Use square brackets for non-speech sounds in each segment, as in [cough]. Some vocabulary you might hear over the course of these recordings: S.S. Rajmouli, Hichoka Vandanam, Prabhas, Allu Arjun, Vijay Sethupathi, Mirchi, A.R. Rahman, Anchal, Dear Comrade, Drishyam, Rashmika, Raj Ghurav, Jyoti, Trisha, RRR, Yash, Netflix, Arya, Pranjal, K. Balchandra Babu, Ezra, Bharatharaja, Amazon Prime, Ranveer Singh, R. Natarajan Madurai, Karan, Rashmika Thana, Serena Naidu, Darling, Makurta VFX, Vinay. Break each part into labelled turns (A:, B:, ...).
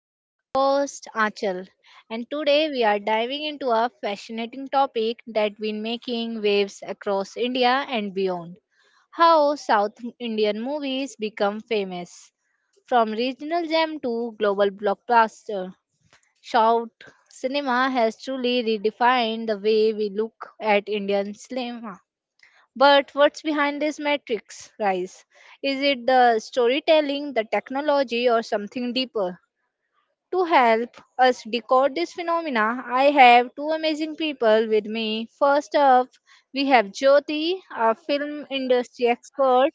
A: I'm your host Achal and today we are diving into a fascinating topic that has been making waves across India and beyond. How South Indian movies become famous from regional gem to global blockbuster. Shout cinema has truly redefined the way we look at Indian cinema. But what's behind this matrix rise? Is it the storytelling, the technology, or something deeper? To help us decode this phenomena, I have two amazing people with me. First up, we have Jyoti, a film industry expert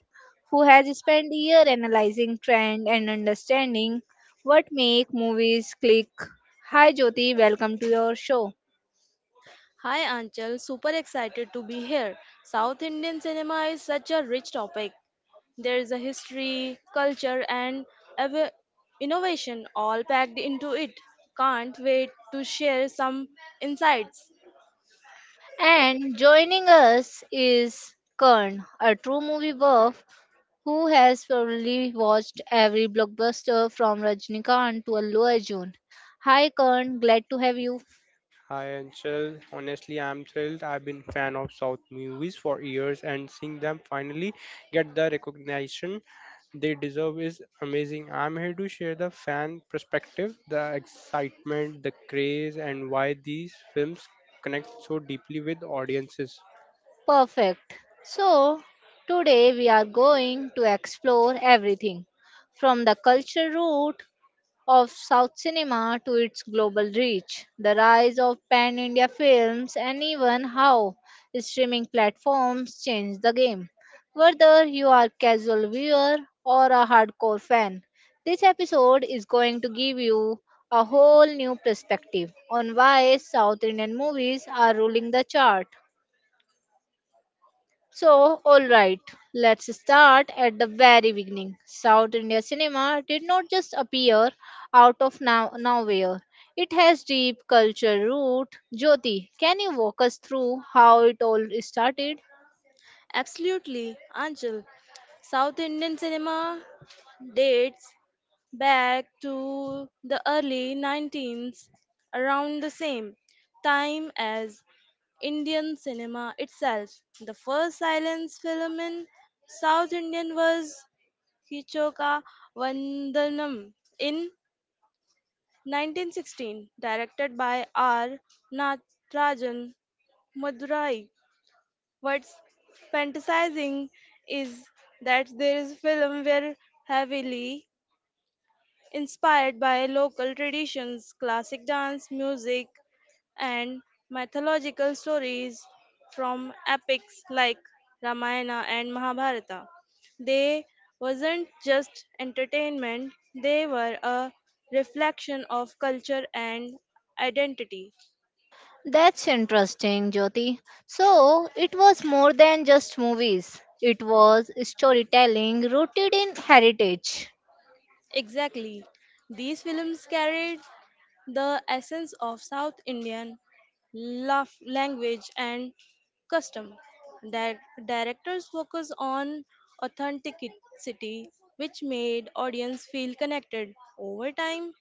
A: who has spent a year analyzing trend and understanding what make movies click. Hi Jyoti, welcome to your show.
B: Hi Anchal, super excited to be here. South Indian cinema is such a rich topic. There is a history, culture, and ev- innovation all packed into it. Can't wait to share some insights.
A: And joining us is Kern, a true movie buff who has probably watched every blockbuster from Rajnikant to Allu Arjun. Hi Kern, glad to have you.
C: Hi Anshul. Honestly, I'm thrilled. I've been fan of South movies for years, and seeing them finally get the recognition they deserve is amazing. I'm here to share the fan perspective, the excitement, the craze, and why these films connect so deeply with audiences.
A: Perfect. So, today we are going to explore everything from the culture route of South cinema to its global reach, the rise of pan India films, and even how streaming platforms changed the game. Whether you are a casual viewer or a hardcore fan, this episode is going to give you a whole new perspective on why South Indian movies are ruling the chart. So, alright, let's start at the very beginning. South India cinema did not just appear out of nowhere, it has deep cultural root. Jyoti, can you walk us through how it all started?
B: Absolutely, Anchal. South Indian cinema dates back to the early 19th, around the same time as Indian cinema itself. The first silence film in South Indian was Hichoka Vandanam in 1916, directed by R. Natarajan Madurai. What's fantasizing is that there is a film where heavily inspired by local traditions, classic dance, music, and mythological stories from epics like Ramayana and Mahabharata. They wasn't just entertainment, they were a reflection of culture and identity.
A: That's interesting, Jyoti. So, it was more than just movies, it was storytelling rooted in heritage.
B: Exactly. These films carried the essence of South Indian love language and custom. Di- Directors focus on authenticity, which made audience feel connected. Over time,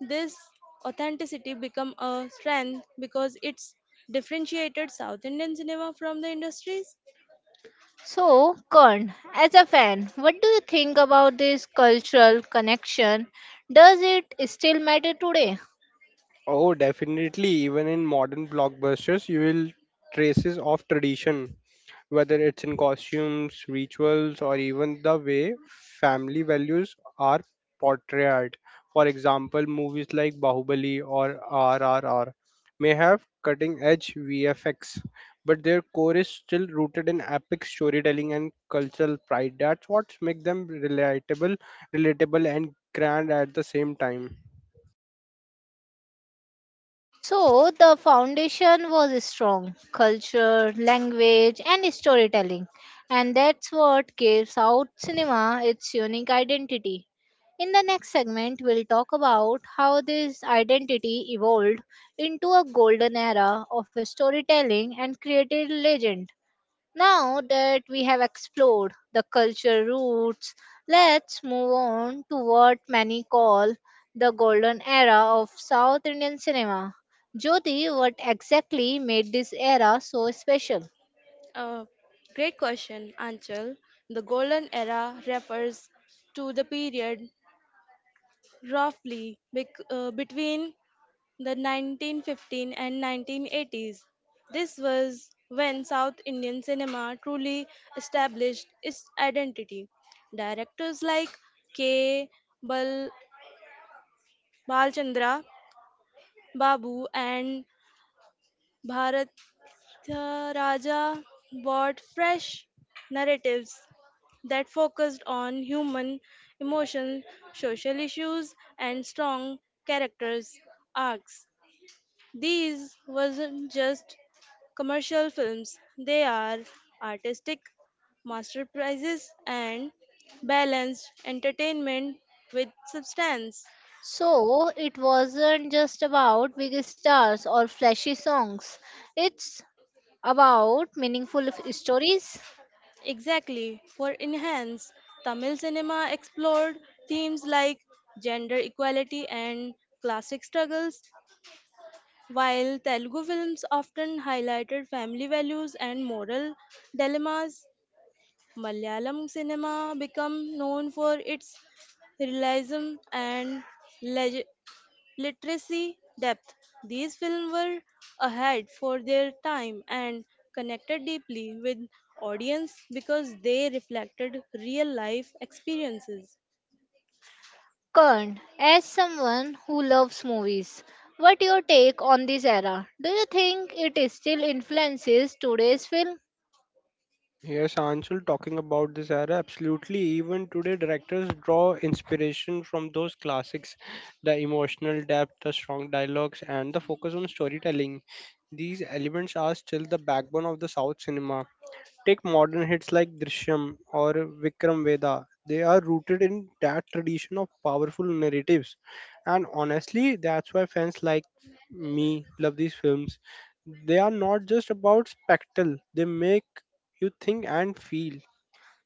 B: this authenticity become a strength because it's differentiated South Indian cinema from the industries.
A: So, Kern, as a fan, what do you think about this cultural connection? Does it still matter today?
C: Oh, definitely. Even in modern blockbusters, you will traces of tradition, whether it's in costumes, rituals, or even the way family values are portrayed. For example, movies like Bahubali or RRR may have cutting-edge VFX, but their core is still rooted in epic storytelling and cultural pride. That's what makes them relatable, relatable and grand at the same time.
A: So, the foundation was strong culture, language, and storytelling. And that's what gives out cinema its unique identity. In the next segment, we'll talk about how this identity evolved into a golden era of storytelling and created legends. Now that we have explored the cultural roots, let's move on to what many call the golden era of South Indian cinema. Jyoti, what exactly made this era so special?
B: Uh, Great question, Anchal. The golden era refers to the period roughly between the 1915 and 1980s. This was when South Indian cinema truly established its identity. Directors like K. Bal- Balchandra Babu and Bharatharaja brought fresh narratives that focused on human emotion, social issues, and strong characters arcs. These wasn't just commercial films, they are artistic masterpieces and balanced entertainment with substance.
A: So, it wasn't just about big stars or flashy songs, it's about meaningful stories.
B: Exactly, for enhance, Tamil cinema explored themes like gender equality and classic struggles, while Telugu films often highlighted family values and moral dilemmas. Malayalam cinema became known for its realism and leg- literacy depth. These films were ahead for their time and connected deeply with audience because they reflected real life experiences.
A: Kern, as someone who loves movies, what your take on this era? Do you think it is still influences today's film?
C: Yes, Anshul, talking about this era, absolutely. Even today, directors draw inspiration from those classics the emotional depth, the strong dialogues, and the focus on storytelling. These elements are still the backbone of the South cinema. Take modern hits like Drishyam or Vikram Vedha. They are rooted in that tradition of powerful narratives. And honestly, that's why fans like me love these films. They are not just about spectacle, they make you think and feel.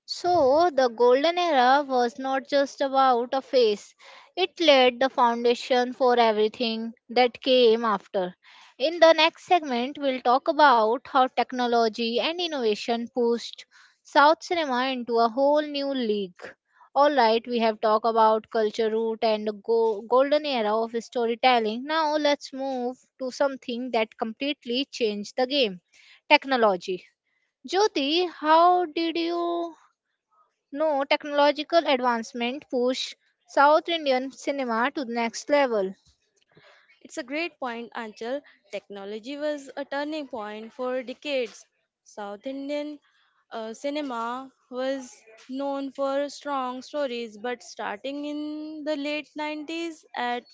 A: So, the golden era was not just about a phase, it laid the foundation for everything that came after. In the next segment, we'll talk about how technology and innovation pushed South cinema into a whole new league. Alright, we have talked about culture root and the golden era of storytelling. Now, let's move to something that completely changed the game technology. Jyoti, how did you no technological advancement pushed South Indian cinema to the next level.
B: It's a great point until technology was a turning point for decades. South Indian cinema was known for strong stories, but starting in the late 90s at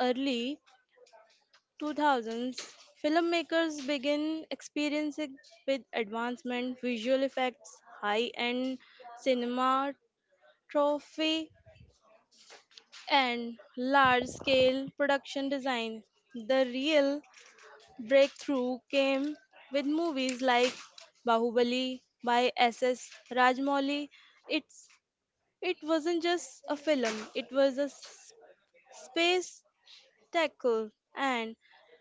B: early 2000s, filmmakers began experiencing with advancement visual effects, high-end cinema trophy and large-scale production design. The real breakthrough came with movies like Bahubali by S.S. Rajmouli. It's it wasn't just a film; it was a space tackle and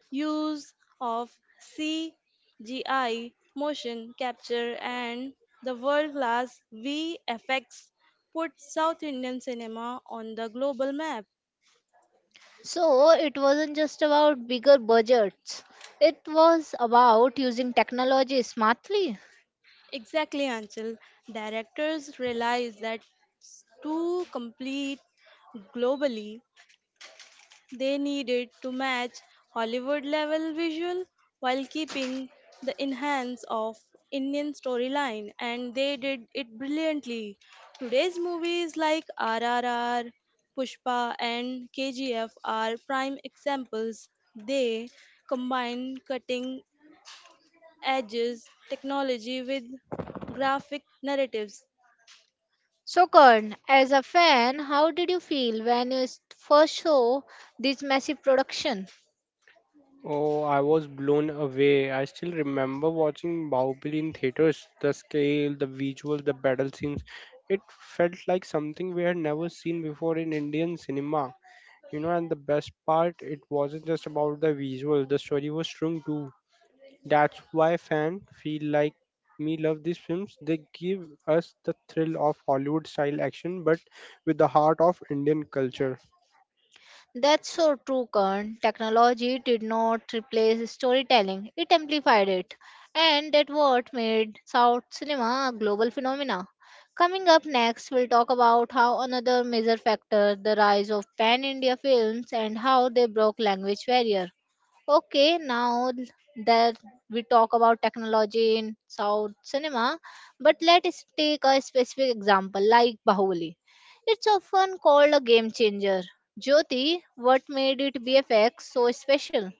B: use of CGI, motion capture, and the world-class VFX put South Indian cinema on the global map.
A: So it wasn't just about bigger budgets, it was about using technology smartly.
B: Exactly, Anchal. Directors realized that to complete globally, they needed to match Hollywood level visual while keeping the enhance of Indian storyline, and they did it brilliantly. Today's movies like RRR, Pushpa, and KGF are prime examples. They combine cutting edges technology with graphic narratives.
A: So, Karan, as a fan, how did you feel when you first saw this massive production?
C: Oh, I was blown away. I still remember watching Bahubali in theaters. The scale, the visuals, the battle scenes. It felt like something we had never seen before in Indian cinema. You know, and the best part, it wasn't just about the visual, the story was strong too. That's why fans feel like me love these films. They give us the thrill of Hollywood style action, but with the heart of Indian culture.
A: That's so true, Kern. Technology did not replace storytelling, it amplified it. And that what made South cinema a global phenomena. Coming up next, we'll talk about how another major factor, the rise of pan India films, and how they broke language barrier. Okay, now that we talk about technology in South cinema, but let's take a specific example like Bahubali. It's often called a game changer. Jyoti, what made it BFX so special?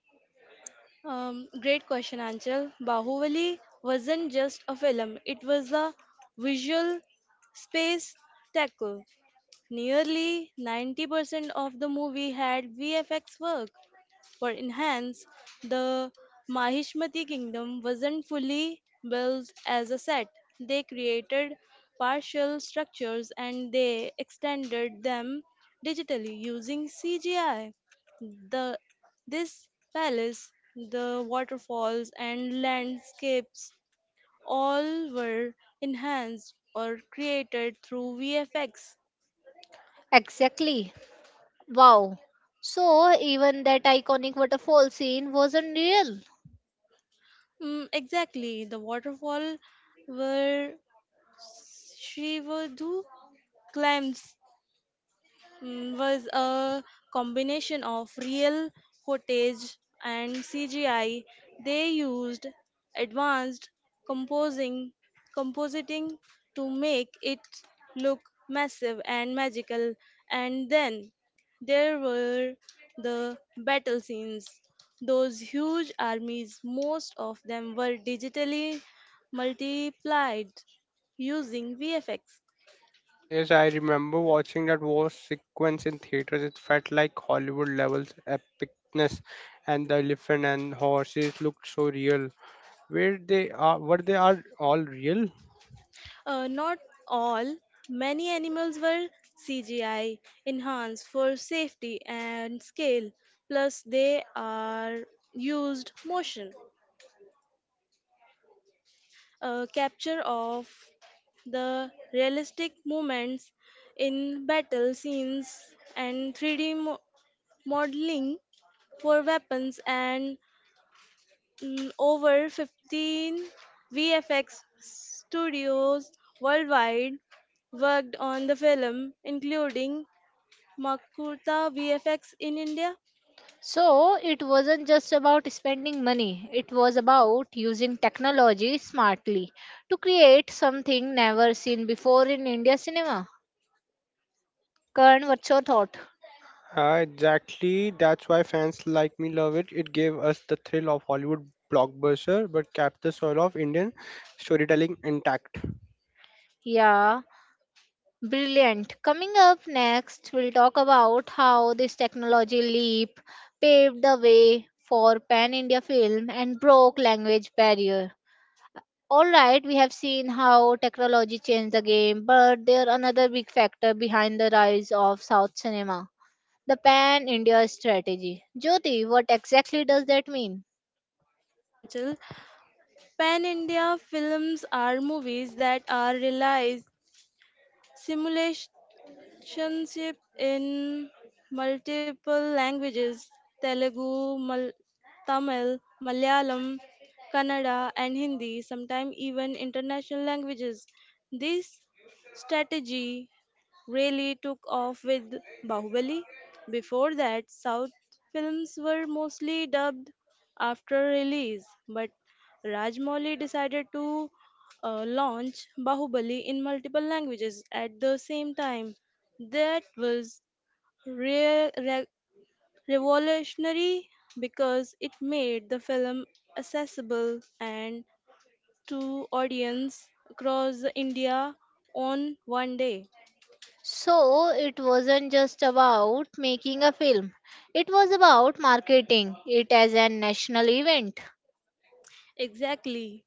B: Great question, Anchal. Bahubali wasn't just a film, it was a visual space tackle. Nearly 90% of the movie had VFX work. For enhance, the Mahishmati kingdom wasn't fully built as a set. They created partial structures and they extended them digitally using CGI. The this palace, the waterfalls and landscapes all were enhanced or created through VFX.
A: Exactly. Wow. So, even that iconic waterfall scene wasn't real.
B: Exactly, the waterfall were Shrivadhu claims was a combination of real footage and CGI. They used advanced composing compositing to make it look massive and magical. And then there were the battle scenes. Those huge armies, most of them were digitally multiplied using VFX.
C: Yes, I remember watching that war sequence in theaters. It felt like Hollywood levels epicness, and the elephant and horses looked so real. Where they are, what they are all real?
B: Not all. Many animals were CGI enhanced for safety and scale. Plus, they are used motion capture of the realistic movements in battle scenes and 3D modeling for weapons, and over 15 VFX studios worldwide worked on the film, including Makurta VFX in India.
A: So, it wasn't just about spending money, it was about using technology smartly to create something never seen before in India cinema. Karan, what's your thought?
C: Exactly. That's why fans like me love it. It gave us the thrill of Hollywood blockbuster, but kept the soul of Indian storytelling intact.
A: Yeah. Brilliant. Coming up next, we'll talk about how this technology leap paved the way for pan India film and broke language barrier. All right, we have seen how technology changed the game, but there another big factor behind the rise of South cinema, the pan India strategy. Jyoti, what exactly does that mean?
B: Sanchal, pan India films are movies that are realized simulation relationship in multiple languages: Telugu, Tamil, Malayalam, Kannada, and Hindi, sometimes even international languages. This strategy really took off with Bahubali. Before that, South films were mostly dubbed after release, but Rajmouli decided to launch Bahubali in multiple languages at the same time. That was re- re- revolutionary because it made the film accessible and to audience across the India on one day.
A: So, it wasn't just about making a film. It was about marketing it as a national event.
B: Exactly.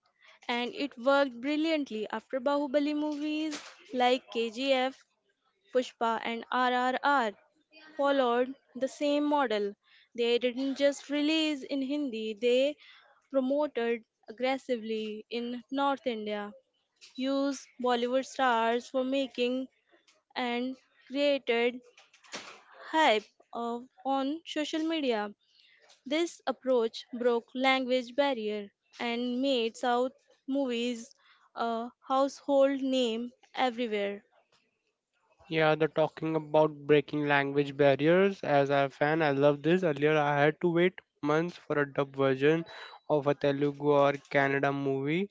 B: And it worked brilliantly after Bahubali movies like KGF, Pushpa and RRR followed the same model. They didn't just release in Hindi, they promoted aggressively in North India, used Bollywood stars for making and created hype of, on social media. This approach broke language barrier and made South movies a household name everywhere.
C: Yeah, they're talking about breaking language barriers. As a fan, I love this. Earlier, I had to wait months for a dub version of a Telugu or Canada movie.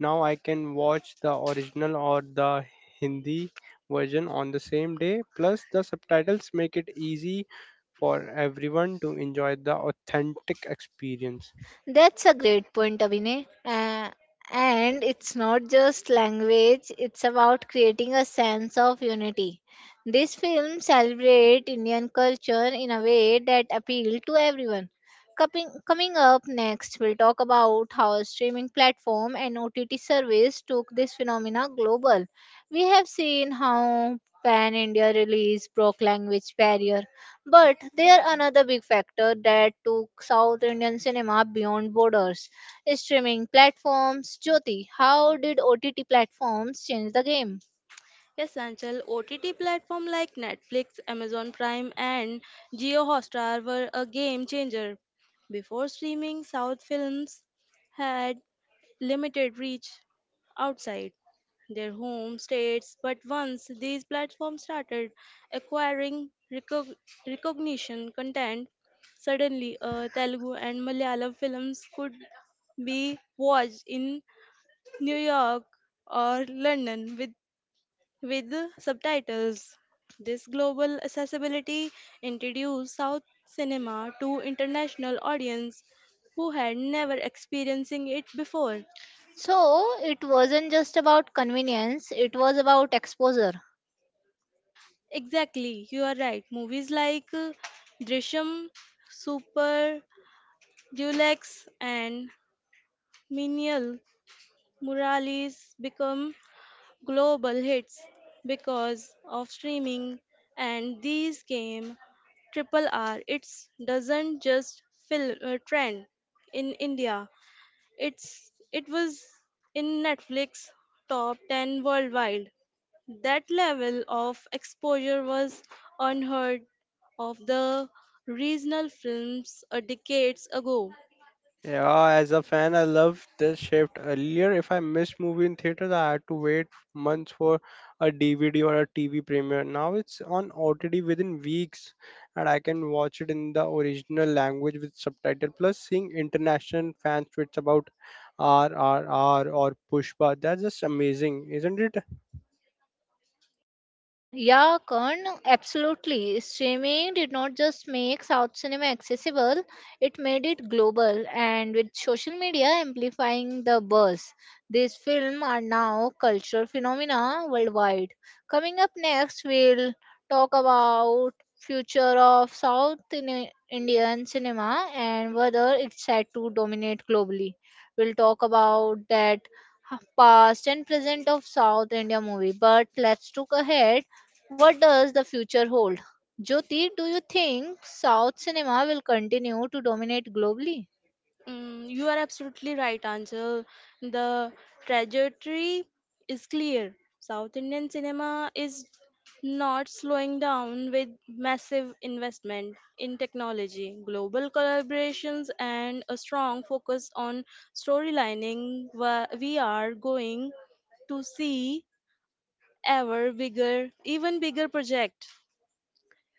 C: Now I can watch the original or the Hindi version on the same day. Plus, the subtitles make it easy for everyone to enjoy the authentic experience.
A: That's a great point, Abhinay. And it's not just language, it's about creating a sense of unity. This film celebrates Indian culture in a way that appealed to everyone. Coming up next, we'll talk about how a streaming platform and OTT service took this phenomena global. We have seen how pan India release broke language barrier but there another big factor that took South Indian cinema beyond borders. Streaming platforms, Jyoti, how did OTT platforms change the game?
B: Yes, Anchal, OTT platform like Netflix, Amazon Prime, and Geo Hotstar were a game changer. Before streaming, South films had limited reach outside their home states, but once these platforms started acquiring recognition content, suddenly Telugu and Malayalam films could be watched in New York or London with with subtitles. This global accessibility introduced South cinema to international audience who had never experiencing it before.
A: So it wasn't just about convenience, it was about exposure.
B: Exactly, you are right. Movies like Drishyam, Super, Dulux, and Menial Muralis become global hits because of streaming, and these came triple r. It's doesn't just fill a trend in india, it's it was in netflix top 10 worldwide. That level of exposure was unheard of the regional films a decades ago.
C: Yeah, as a fan, I love this shift. Earlier, if I missed movie in theaters, I had to wait months for a DVD or a TV premiere. Now it's on OTT within weeks, and I can watch it in the original language with subtitle. Plus, seeing international fan tweets about RRR or Pushpa, that's just amazing, isn't it?
A: Yeah, Karan, absolutely. Streaming did not just make South cinema accessible, it made it global, and with social media amplifying the buzz, these films are now cultural phenomena worldwide. Coming up next, we'll talk about future of South Indian cinema and whether it's set to dominate globally. We'll talk about that past and present of South India movie, but let's look ahead what does the future hold? Jyoti, do you think South cinema will continue to dominate globally?
B: You are absolutely right, Anjal. The trajectory is clear. South Indian cinema is not slowing down with massive investment in technology, global collaborations, and a strong focus on storylining. We are going to see even bigger project.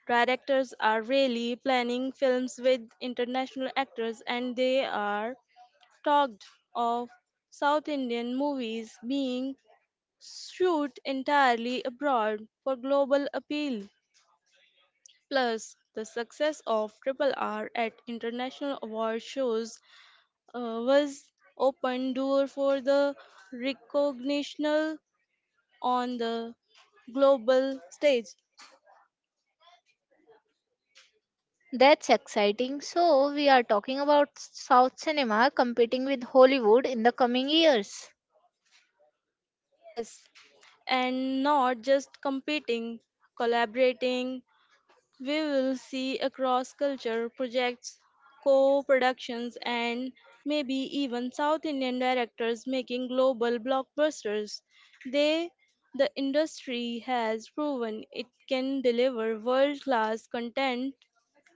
B: Directors are really planning films with international actors, and they are talked of South Indian movies being shoot entirely abroad for global appeal. Plus, the success of Triple R at international award shows was open door for the recognition on the global stage.
A: That's exciting. So, we are talking about South cinema competing with Hollywood in the coming years.
B: Yes, and not just competing, collaborating. We will see across culture projects, co productions, and maybe even South Indian directors making global blockbusters. They, the industry has proven it can deliver world class content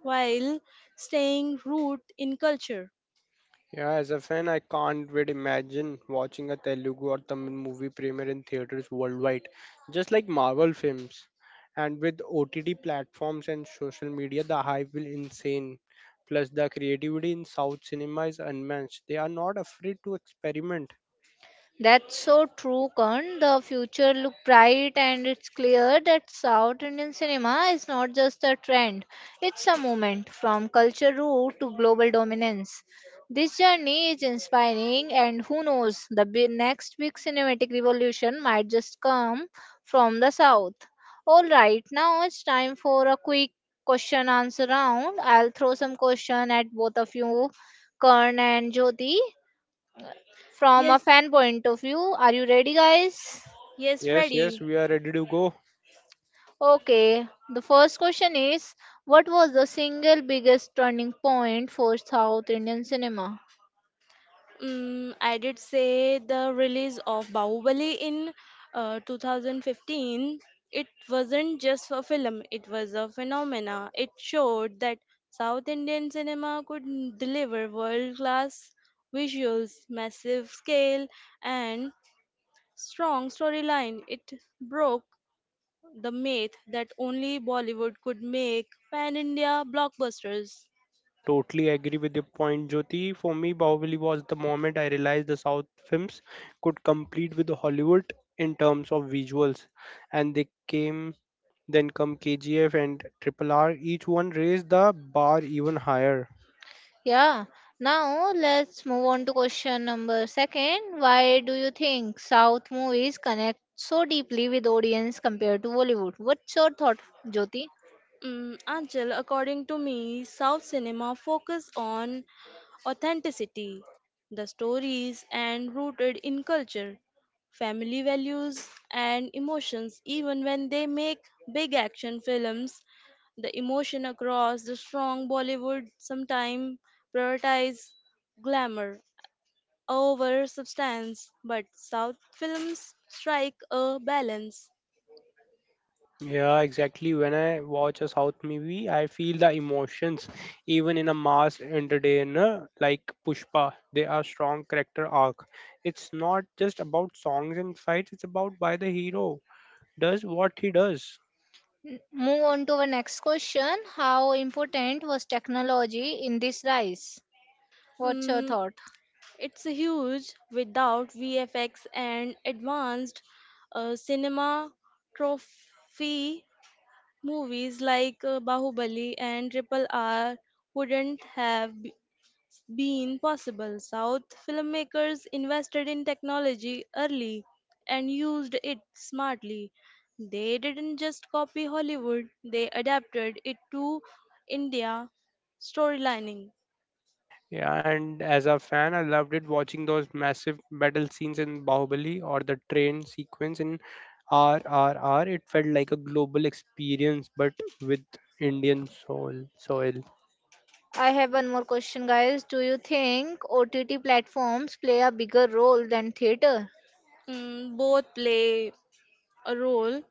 B: while staying rooted in culture.
C: Yeah, as a fan, I can't really imagine watching a Telugu or Tamil movie premiere in theaters worldwide, just like Marvel films. And with OTT platforms and social media, the hype will insane. Plus, the creativity in South cinema is unmatched. They are not afraid to experiment.
A: That's so true, Karan. The future look bright, and it's clear that South Indian cinema is not just a trend; it's a movement from culture root to global dominance. This journey is inspiring, and who knows, the next big cinematic revolution might just come from the South. All right, now it's time for a quick question answer round. I'll throw some question at both of you, Karan and Jyoti from a
B: Yes,
A: fan point of view. Are you ready, guys?
B: yes,
C: Yes, yes,
B: ready.
C: we are ready to go.
A: Okay, the first question is: what was the single biggest turning point for South Indian cinema?
B: I did say the release of Bahubali in 2015. It wasn't just a film, it was a phenomena. It showed that South Indian cinema could deliver world class visuals, massive scale, and strong storyline. It broke the myth that only Bollywood could make pan India blockbusters.
C: I totally agree with your point, Jyoti. For me, Bahubali was the moment I realized the South films could compete with Hollywood in terms of visuals, and they came. Then come KGF and Triple R. Each one raised the bar even higher.
A: Yeah, now let's move on to question number second. Why do you think South movies connect so deeply with audience compared to Bollywood? What's your thought, Jyoti?
B: Anchal, according to me, South cinema focus on authenticity. The stories and rooted in culture, family values, and emotions. Even when they make big action films, the emotion across the strong Bollywood sometimes prioritize glamour over substance, but South films strike a balance.
C: Yeah, exactly. When I watch a South movie, I feel the emotions even in a mass entertainer like Pushpa. They are strong character arc. It's not just about songs and fights, it's about why the hero does what he does.
A: Move on to the next question. How important was technology in this rise? What's your
B: Mm,
A: thought?
B: it's huge without VFX and advanced cinema trophy. Movies like Bahubali and Triple R wouldn't have b- been possible. South filmmakers invested in technology early and used it smartly. They didn't just copy Hollywood, they adapted it to India storylining.
C: Yeah, and as a fan, I loved it watching those massive battle scenes in Bahubali or the train sequence in RRR. It felt like a global experience, but with Indian soul soil.
A: I have one more question, guys. Do you think OTT platforms play a bigger role than theater?
B: Both play a role,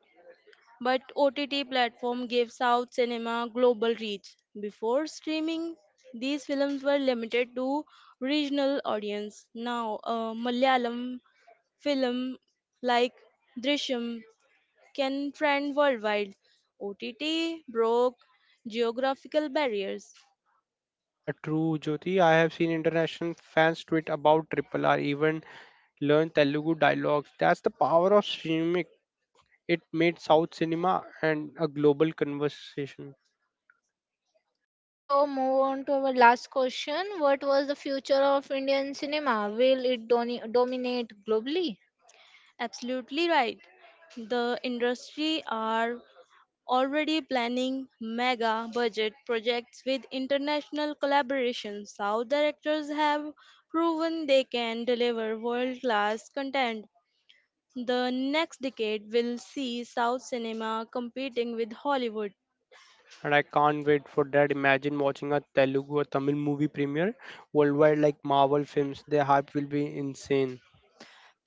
B: but OTT platform gave South cinema global reach. Before streaming, these films were limited to regional audience. Now, a Malayalam film like Drishyam can trend worldwide. OTT broke geographical barriers.
C: True, Jyoti. I have seen international fans tweet about Triple R, even learn Telugu dialogues. That's the power of streaming. It made South cinema and a global conversation.
A: So, move on to our last question. What was the future of Indian cinema? Will it dominate globally?
B: Absolutely right. The industry are already planning mega budget projects with international collaborations. South directors have proven they can deliver world class content. The next decade will see South cinema competing with Hollywood.
C: And I can't wait for that. Imagine watching a Telugu or Tamil movie premiere worldwide like Marvel films. The hype will be insane.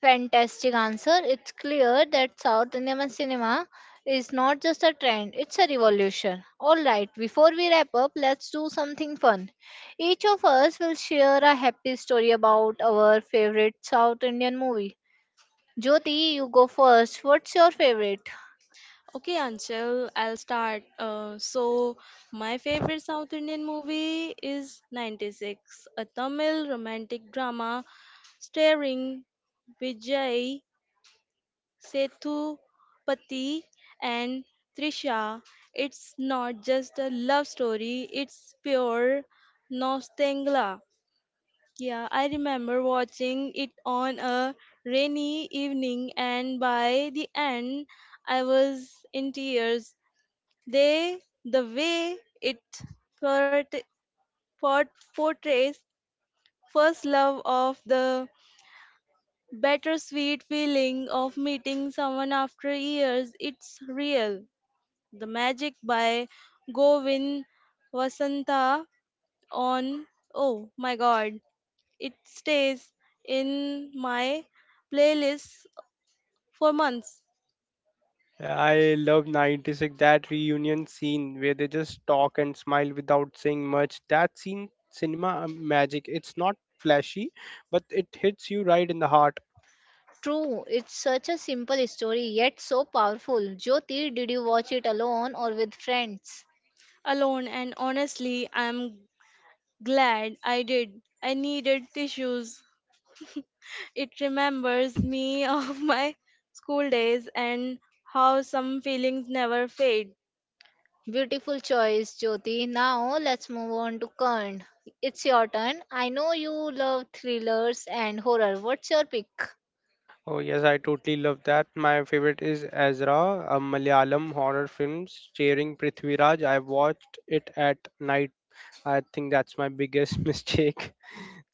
A: Fantastic answer. It's clear that South Indian cinema is not just a trend, it's a revolution. Alright, before we wrap up, let's do something fun. Each of us will share a happy story about our favorite South Indian movie. Jyoti, you go first. What's your favorite?
B: Okay, Anshul, I'll start. My favorite South Indian movie is 96, a Tamil romantic drama starring Vijay Sethupathi and Trisha. It's not just a love story, it's pure nostalgia. Yeah, I remember watching it on a rainy evening, and by the end, I was in tears. They, the way it port- portrays first love of the bittersweet feeling of meeting someone after years, it's real. The Magic by Govin Vasantha, on oh my god, it stays in my playlist for months
C: I love 96 that reunion scene where they just talk and smile without saying much. That scene cinema magic. It's not flashy, but it hits you right in the heart.
A: True, it's such a simple story yet so powerful. Jyoti, did you watch it alone or with friends?
B: alone, and honestly I'm glad I did. I needed tissues. It remembers
C: [laughs]
B: me [laughs] of my school days and how some feelings never fade.
A: Beautiful choice, Jyoti. Now let's move on to Karn. It's your turn. I know you love thrillers and horror. What's your pick?
C: Oh yes, I totally love that. My favorite is Ezra, a Malayalam horror film starring Prithviraj. I watched it at night. I think that's my biggest [laughs] mistake.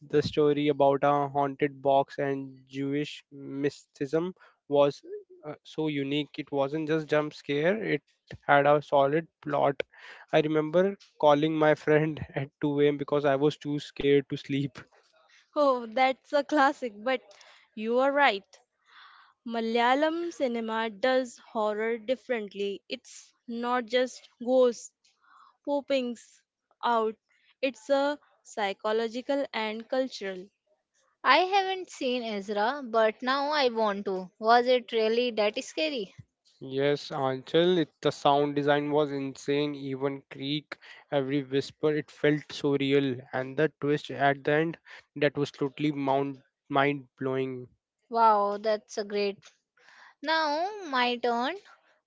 C: The story about a haunted box and Jewish mysticism was so unique. It wasn't just jump scare, it had a solid plot. I remember calling my friend [laughs] at 2 a.m. because I was too scared to sleep.
B: Oh, that's a classic, but you are right. Malayalam cinema does horror differently. It's not just ghosts popping out, it's a psychological and cultural.
A: I haven't seen Ezra, but now I want to. Was it really that scary?
C: Yes, Anchal, it, the sound design was insane, even creak, every whisper, it felt so real. And the twist at the end, that was totally mind blowing.
A: Wow, that's a great. Now, my turn.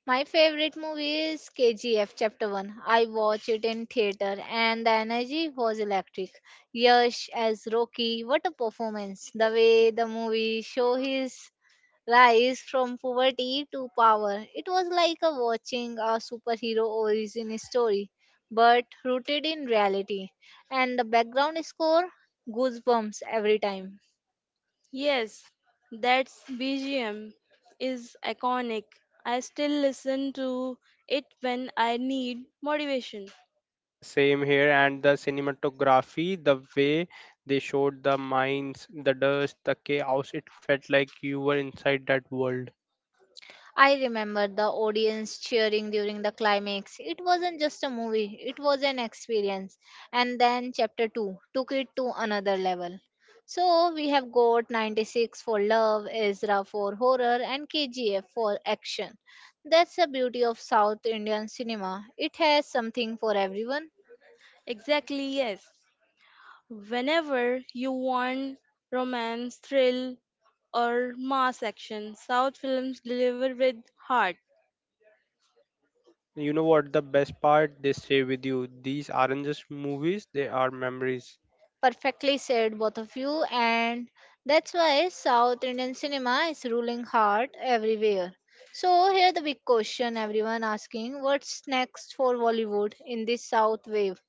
A: My favorite movie is KGF Chapter 1. I watched it in theater and the energy was electric. Yash as Rocky, what a performance. The way the movie show his rise from poverty to power. It was like a watching a superhero origin story but rooted in reality. And the background score goosebumps every time.
B: Yes, that's BGM is iconic. I still listen to it when I need motivation.
C: Yeah, same here. And the cinematography, the way they showed the mines, the dust, the chaos, it felt like you were inside that world.
A: I remember the audience cheering during the climax. It wasn't just a movie, it was an experience. And then chapter 2 took it to another level. So we have got 96 for love, Ezra for horror, and KGF for action. That's the beauty of South Indian cinema. It has something for everyone.
B: Exactly, yes. Whenever you want romance, thrill, or mass action, South films deliver with heart.
C: But you know what? The best part, they stay with you. These aren't just movies, they are memories.
A: Perfectly said, both of you, and that's why South Indian cinema is ruling hard everywhere. So here the big question everyone asking: what's next for Bollywood in this South wave?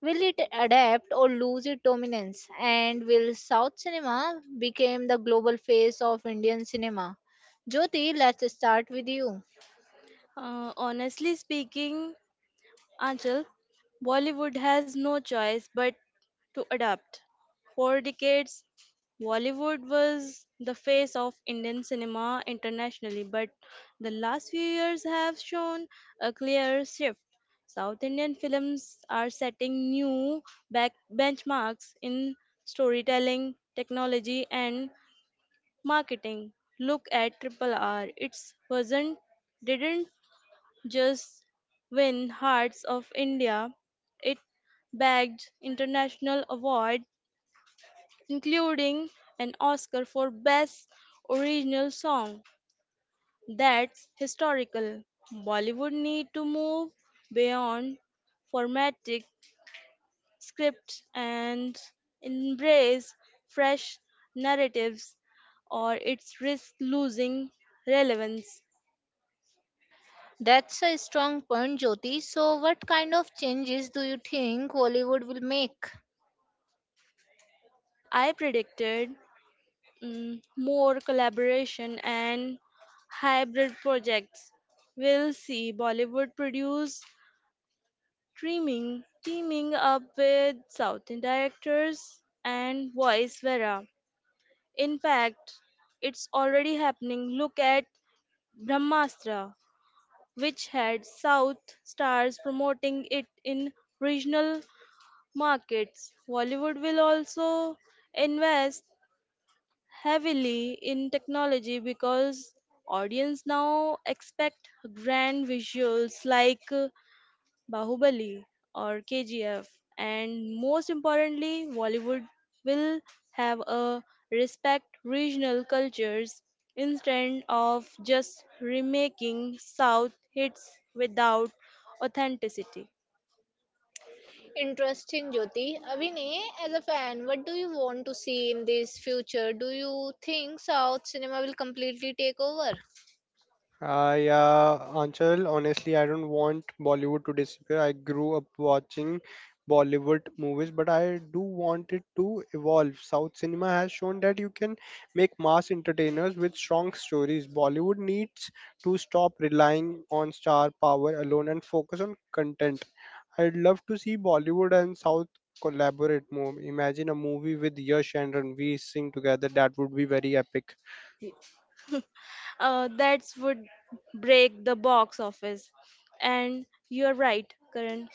A: Will it adapt or lose its dominance? And will South cinema become the global face of Indian cinema? Jyoti, let's start with you.
B: Honestly speaking, Anchal, Bollywood has no choice but to adapt. For decades, Bollywood was the face of Indian cinema internationally, but the last few years have shown a clear shift. South Indian films are setting new back benchmarks in storytelling, technology, and marketing. Look at Triple R. It's wasn't didn't just win hearts of India. It bagged international award, including an Oscar for Best Original Song. That's historical. Bollywood need to move beyond formatic script and embrace fresh narratives or its risk losing relevance.
A: That's a strong point, Jyoti. So, what kind of changes do you think Hollywood will make?
B: I predicted more collaboration and hybrid projects. We'll see Bollywood produce streaming, teaming up with South Indian directors and voice Vera. In fact, it's already happening. Look at Brahmastra, which had South stars promoting it in regional markets. Bollywood will also invest heavily in technology because audience now expect grand visuals like Bahubali or KGF, and most importantly, Bollywood will have a respect regional cultures instead of just remaking South hits without authenticity.
A: Interesting, Jyoti. Vinay, as a fan, what do you want to see in this future? Do you think South cinema will completely take over?
C: Yeah, Anchal, honestly, I don't want Bollywood to disappear. I grew up watching Bollywood movies, but I do want it to evolve. South cinema has shown that you can make mass entertainers with strong stories. Bollywood needs to stop relying on star power alone and focus on content. I'd love to see Bollywood and South collaborate more. Imagine a movie with Yash and Ranveer Singh together. That would be very epic.
B: That would break the box office. And you're right, Karan.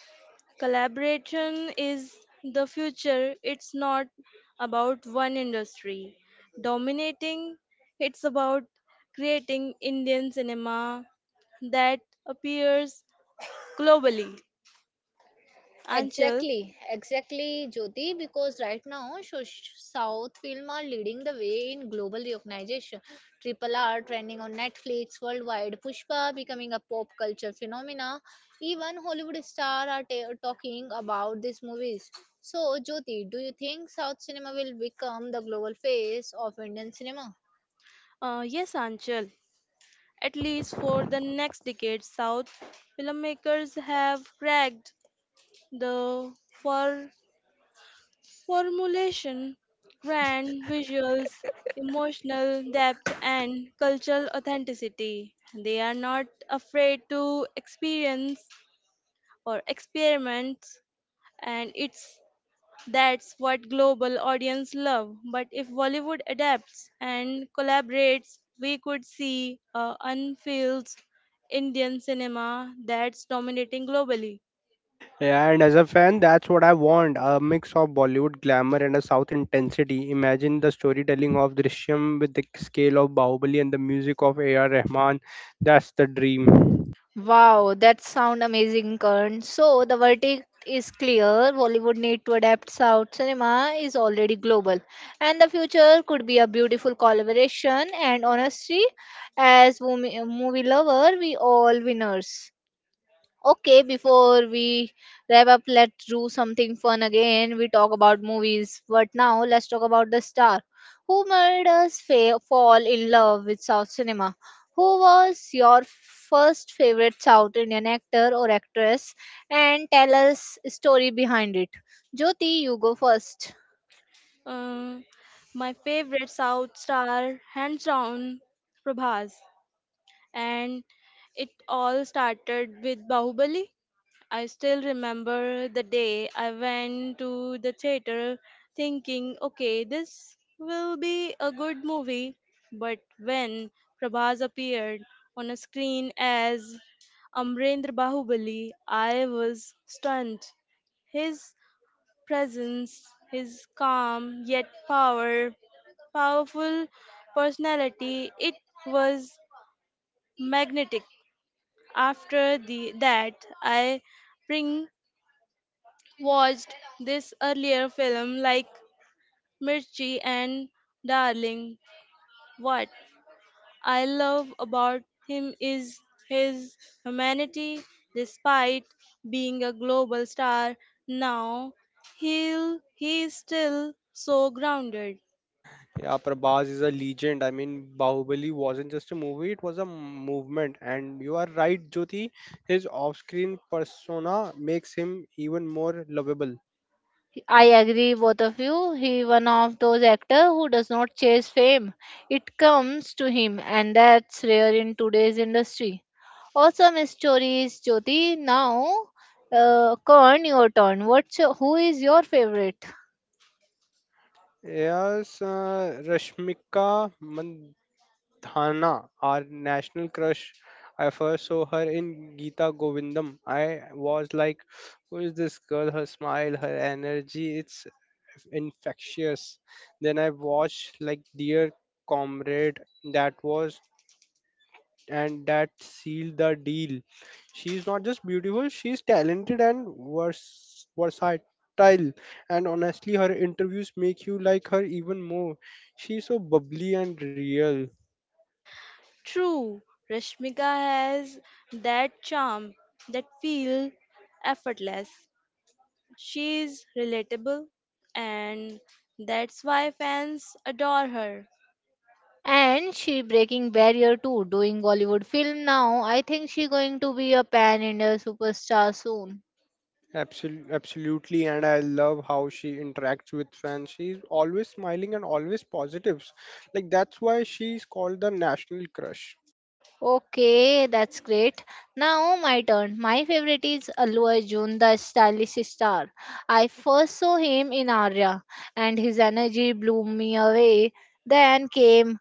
B: Collaboration is the future. It's not about one industry dominating, it's about creating Indian cinema that appears globally. Anchal,
A: Exactly, Jyoti, because right now South film are leading the way in global recognition. Triple R trending on Netflix worldwide, Pushpa becoming a pop culture phenomena. Even Hollywood stars are talking about these movies. So, Jyoti, do you think South cinema will become the global face of Indian cinema?
B: yes, Anchal, at least for the next decade, South filmmakers have cracked the Formulation, grand visuals, emotional depth, and cultural authenticity. They are not afraid to experience or experiment, and it's that's what global audience love. But if Bollywood adapts and collaborates, we could see a unfiltered Indian cinema that's dominating globally.
C: Yeah, and as a fan, that's what I want a mix of Bollywood glamour and a South intensity. Imagine the storytelling of Drishyam with the scale of Bahubali and the music of A.R. Rahman. That's the dream.
A: Wow, that sound amazing, Karan. So the verdict is clear. Bollywood need to adapt. South cinema is already global, and the future could be a beautiful collaboration. And honestly, as movie lover, we all winners. Okay, before we wrap up, let's do something fun again. We talk about movies, but now let's talk about the star who made us fall in love with South cinema. Who was your first favorite South Indian actor or actress? And tell us story behind it. Jyoti, you go first.
B: Uh, my favorite South star, hands down, Prabhas. And it all started with Bahubali. I still remember the day I went to the theater thinking, okay, this will be a good movie. But when Prabhas appeared on a screen as Amrendra Bahubali, I was stunned. His presence, his calm yet powerful personality. It was magnetic. After the that, I bring watched this earlier film like Mirchi and Darling. What I love about him is his humanity. Despite being a global star now, he is still so grounded.
C: Yeah, Prabhas is a legend. I mean, Bahubali wasn't just a movie, it was a movement. And you are right, Jyoti, his off screen persona makes him even more lovable.
A: I agree, both of you. He one of those actor who does not chase fame. It comes to him, and that's rare in today's industry. Awesome stories, Jyoti. Now, Korn, your turn. What's who is your favorite?
C: Yes, Rashmika Thana, our national crush. I first saw her in Geeta Govindam. I was like, who is this girl? Her smile, her energy, it's infectious. Then I watched like Dear Comrade, that was and that sealed the deal. She's not just beautiful, she's talented and versatile. And honestly, her interviews make you like her even more. She's so bubbly and real.
B: True, Rashmika has that charm that feels effortless. She is relatable, and that's why fans adore her.
A: And she breaking barrier too, doing Bollywood film now. I think she going to be a pan India superstar soon.
C: Absolutely, and I love how she interacts with fans. She's always smiling and always positives. Like that's why she's called the national crush.
A: Okay, that's great. Now my turn. My favorite is Allu Arjun, the stylish star. I first saw him in Arya, and his energy blew me away. Then came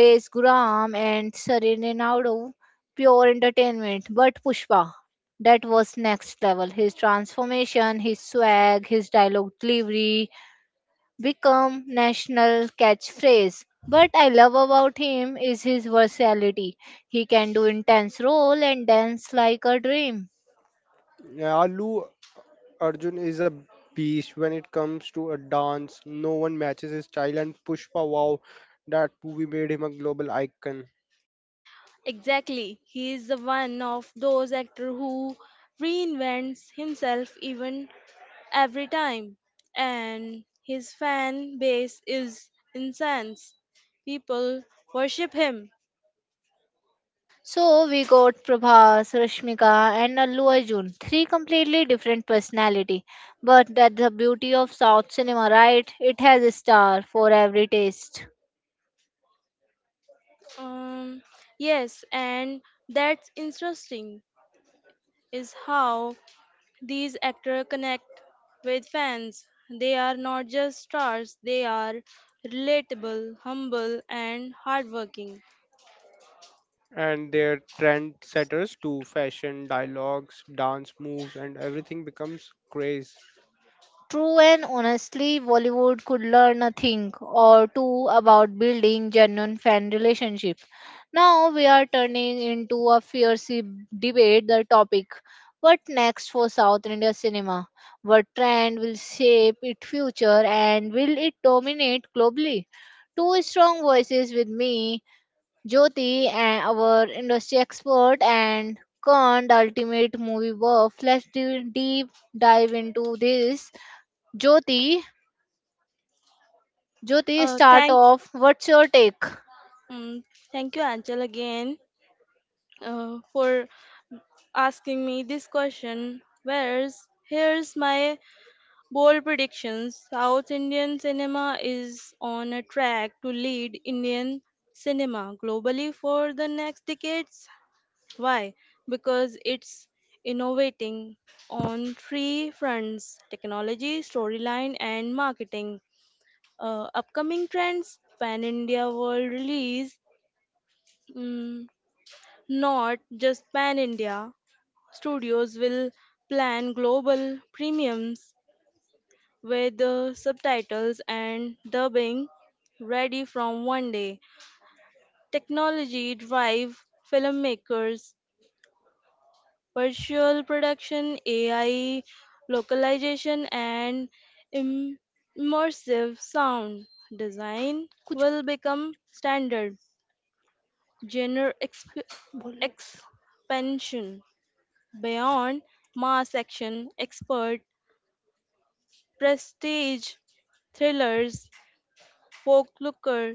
A: Raj Ghurav and Serena Naidu, pure entertainment. But Pushpa, that was next level. His transformation, his swag, his dialogue delivery become national catchphrase. But I love about him is his versatility. He can do intense role and dance like a dream.
C: Yeah, Allu Arjun is a beast when it comes to a dance. No one matches his style, and Pushpa, wow, that movie made him a global icon.
B: Exactly, he is the one of those actors who reinvents himself even every time, and his fan base is intense. People worship him.
A: So we got Prabhas, Rashmika, and Allu Arjun, three completely different personality. But that's the beauty of South cinema, right? It has a star for every taste.
B: Um, yes, and that's interesting is how these actors connect with fans. They are not just stars, they are relatable, humble, and hardworking.
C: And their trendsetters too, fashion, dialogues, dance moves, and everything becomes craze.
A: True, and honestly, Bollywood could learn a thing or two about building genuine fan relationship. Now we are turning into a fiercely debate the topic. What next for South India cinema? What trend will shape its future and will it dominate globally? Two strong voices with me, Jyoti, and our industry expert, and Khan, the ultimate movie buff. Let's do deep dive into this. Jyoti, Jyoti,
B: Uh,
A: start
B: thanks,
A: off. What's your take?
B: mm, Thank you, Angel, again for asking me this question. Whereas, here's my bold predictions: South Indian cinema is on a track to lead Indian cinema globally for the next decades. Why? Because it's innovating on three fronts: technology, storyline, and marketing. Upcoming trends, Pan India world release, mm, not just Pan India. Studios will plan global premiums with the subtitles and dubbing ready from one day. Technology drive filmmakers virtual production, AI, localization, and im- immersive sound design
A: कुछ
B: will become standard genre
A: बोलो।
B: expansion beyond mass action, expert, prestige, thrillers, folklore,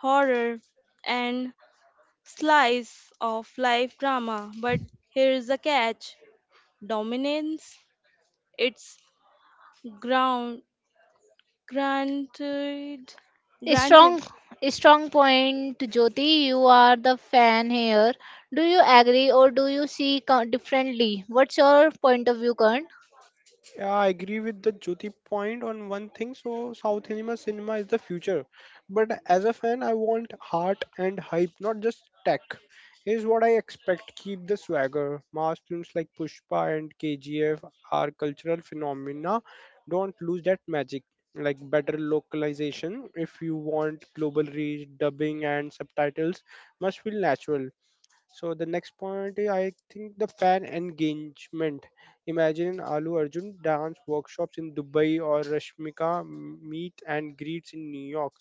B: horror, and slice of life drama. But here's the catch: dominance, its ground. Granted, granted,
A: Strong, strong point, Jyoti. You are the fan here. Do you agree or do you see differently? What's your point of view, Karan?
C: Yeah, I agree with the Jyoti point on one thing. So South cinema is the future. But as a fan, I want heart and hype, not just tech. Is what I expect. Keep the swagger. Mass films like Pushpa and KGF are cultural phenomena. Don't lose that magic. Like better localization if you want global reach, dubbing and subtitles must feel natural. So the next point is, I think the fan engagement. Imagine Alu Arjun dance workshops in Dubai or Rashmika meet and greets in New York.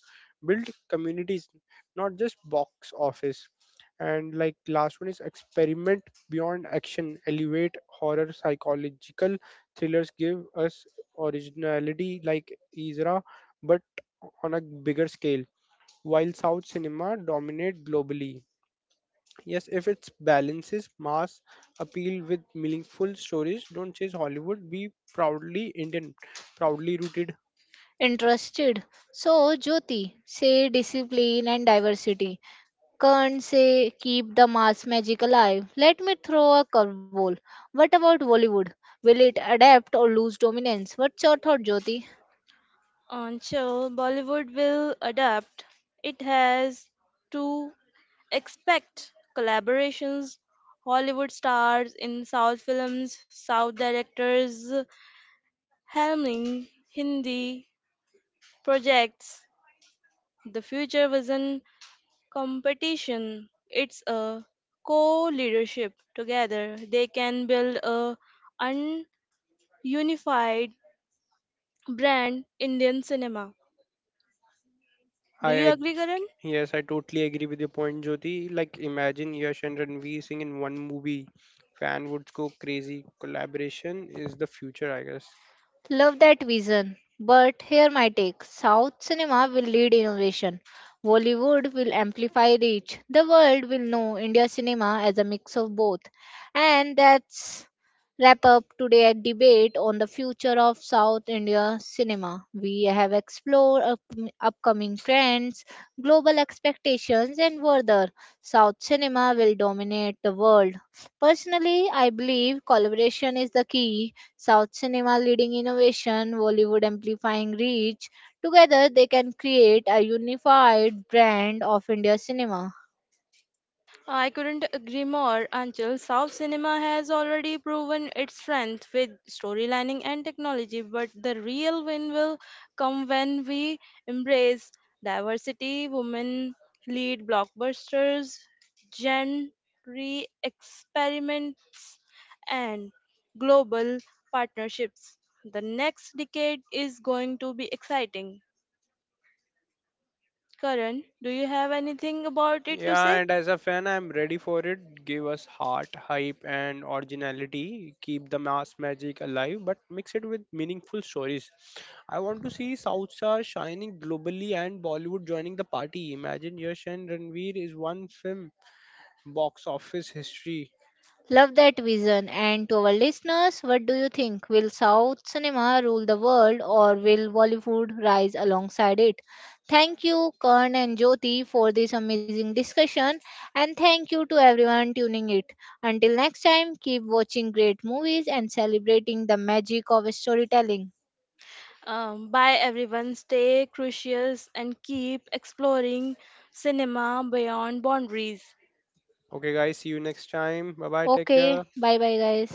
C: Build communities, not just box office. And like last one is experiment beyond action, elevate horror, psychological thrillers, give us originality like Isra, but on a bigger scale. While South cinema dominate globally. Yes, if it balances mass appeal with meaningful stories, don't chase Hollywood. Be proudly Indian, proudly rooted.
A: Interested. So, Jyoti, say discipline and diversity. Karan, say keep the mass magic alive. Let me throw a curveball. What about Bollywood? Will it adapt or lose dominance? What's your thought, Jyoti?
B: on show, Bollywood will adapt. It has to expect collaborations, Hollywood stars in South films, South directors, helming Hindi projects. The future wasn't competition, it's a co leadership. Together, they can build a un unified brand Indian cinema. Do
C: I
B: you
C: ag-
B: agree, Karan?
C: yes, I totally agree with your point, Jyoti. Like imagine Yash and Ranveer Singh in one movie, fan would go crazy. Collaboration is the future, I guess.
A: Love that vision. But here my take: South cinema will lead innovation. Bollywood will amplify reach. The world will know India cinema as a mix of both. And that's wrap up today's debate on the future of South India cinema. We have explored upcoming trends, global expectations, and further. South cinema will dominate the world. Personally, I believe collaboration is the key. South cinema leading innovation, Bollywood amplifying reach. Together, they can create a unified brand of India cinema.
B: I couldn't agree more until South cinema has already proven its strength with storylining and technology, but the real win will come when we embrace diversity, women lead blockbusters, genre experiments, and global partnerships. The next decade is going to be exciting. Karan, do you have anything about it to
C: Yeah,
B: say?
C: and as a fan, I'm ready for it. Give us heart, hype, and originality. Keep the mass magic alive, but mix it with meaningful stories. I want to see South Star shining globally and Bollywood joining the party. Imagine Yash and Ranveer is one film box office history.
A: Love that vision. And to our listeners, what do you think? Will South cinema rule the world or will Bollywood rise alongside it? Thank you, Karn and Jyoti, for this amazing discussion. And thank you to everyone tuning it. Until next time, keep watching great movies and celebrating the magic of storytelling.
B: Bye, everyone. Stay curious and keep exploring cinema beyond boundaries.
C: Okay, guys, see you next time. Bye bye, take
A: Okay,
C: care.
A: bye bye, guys.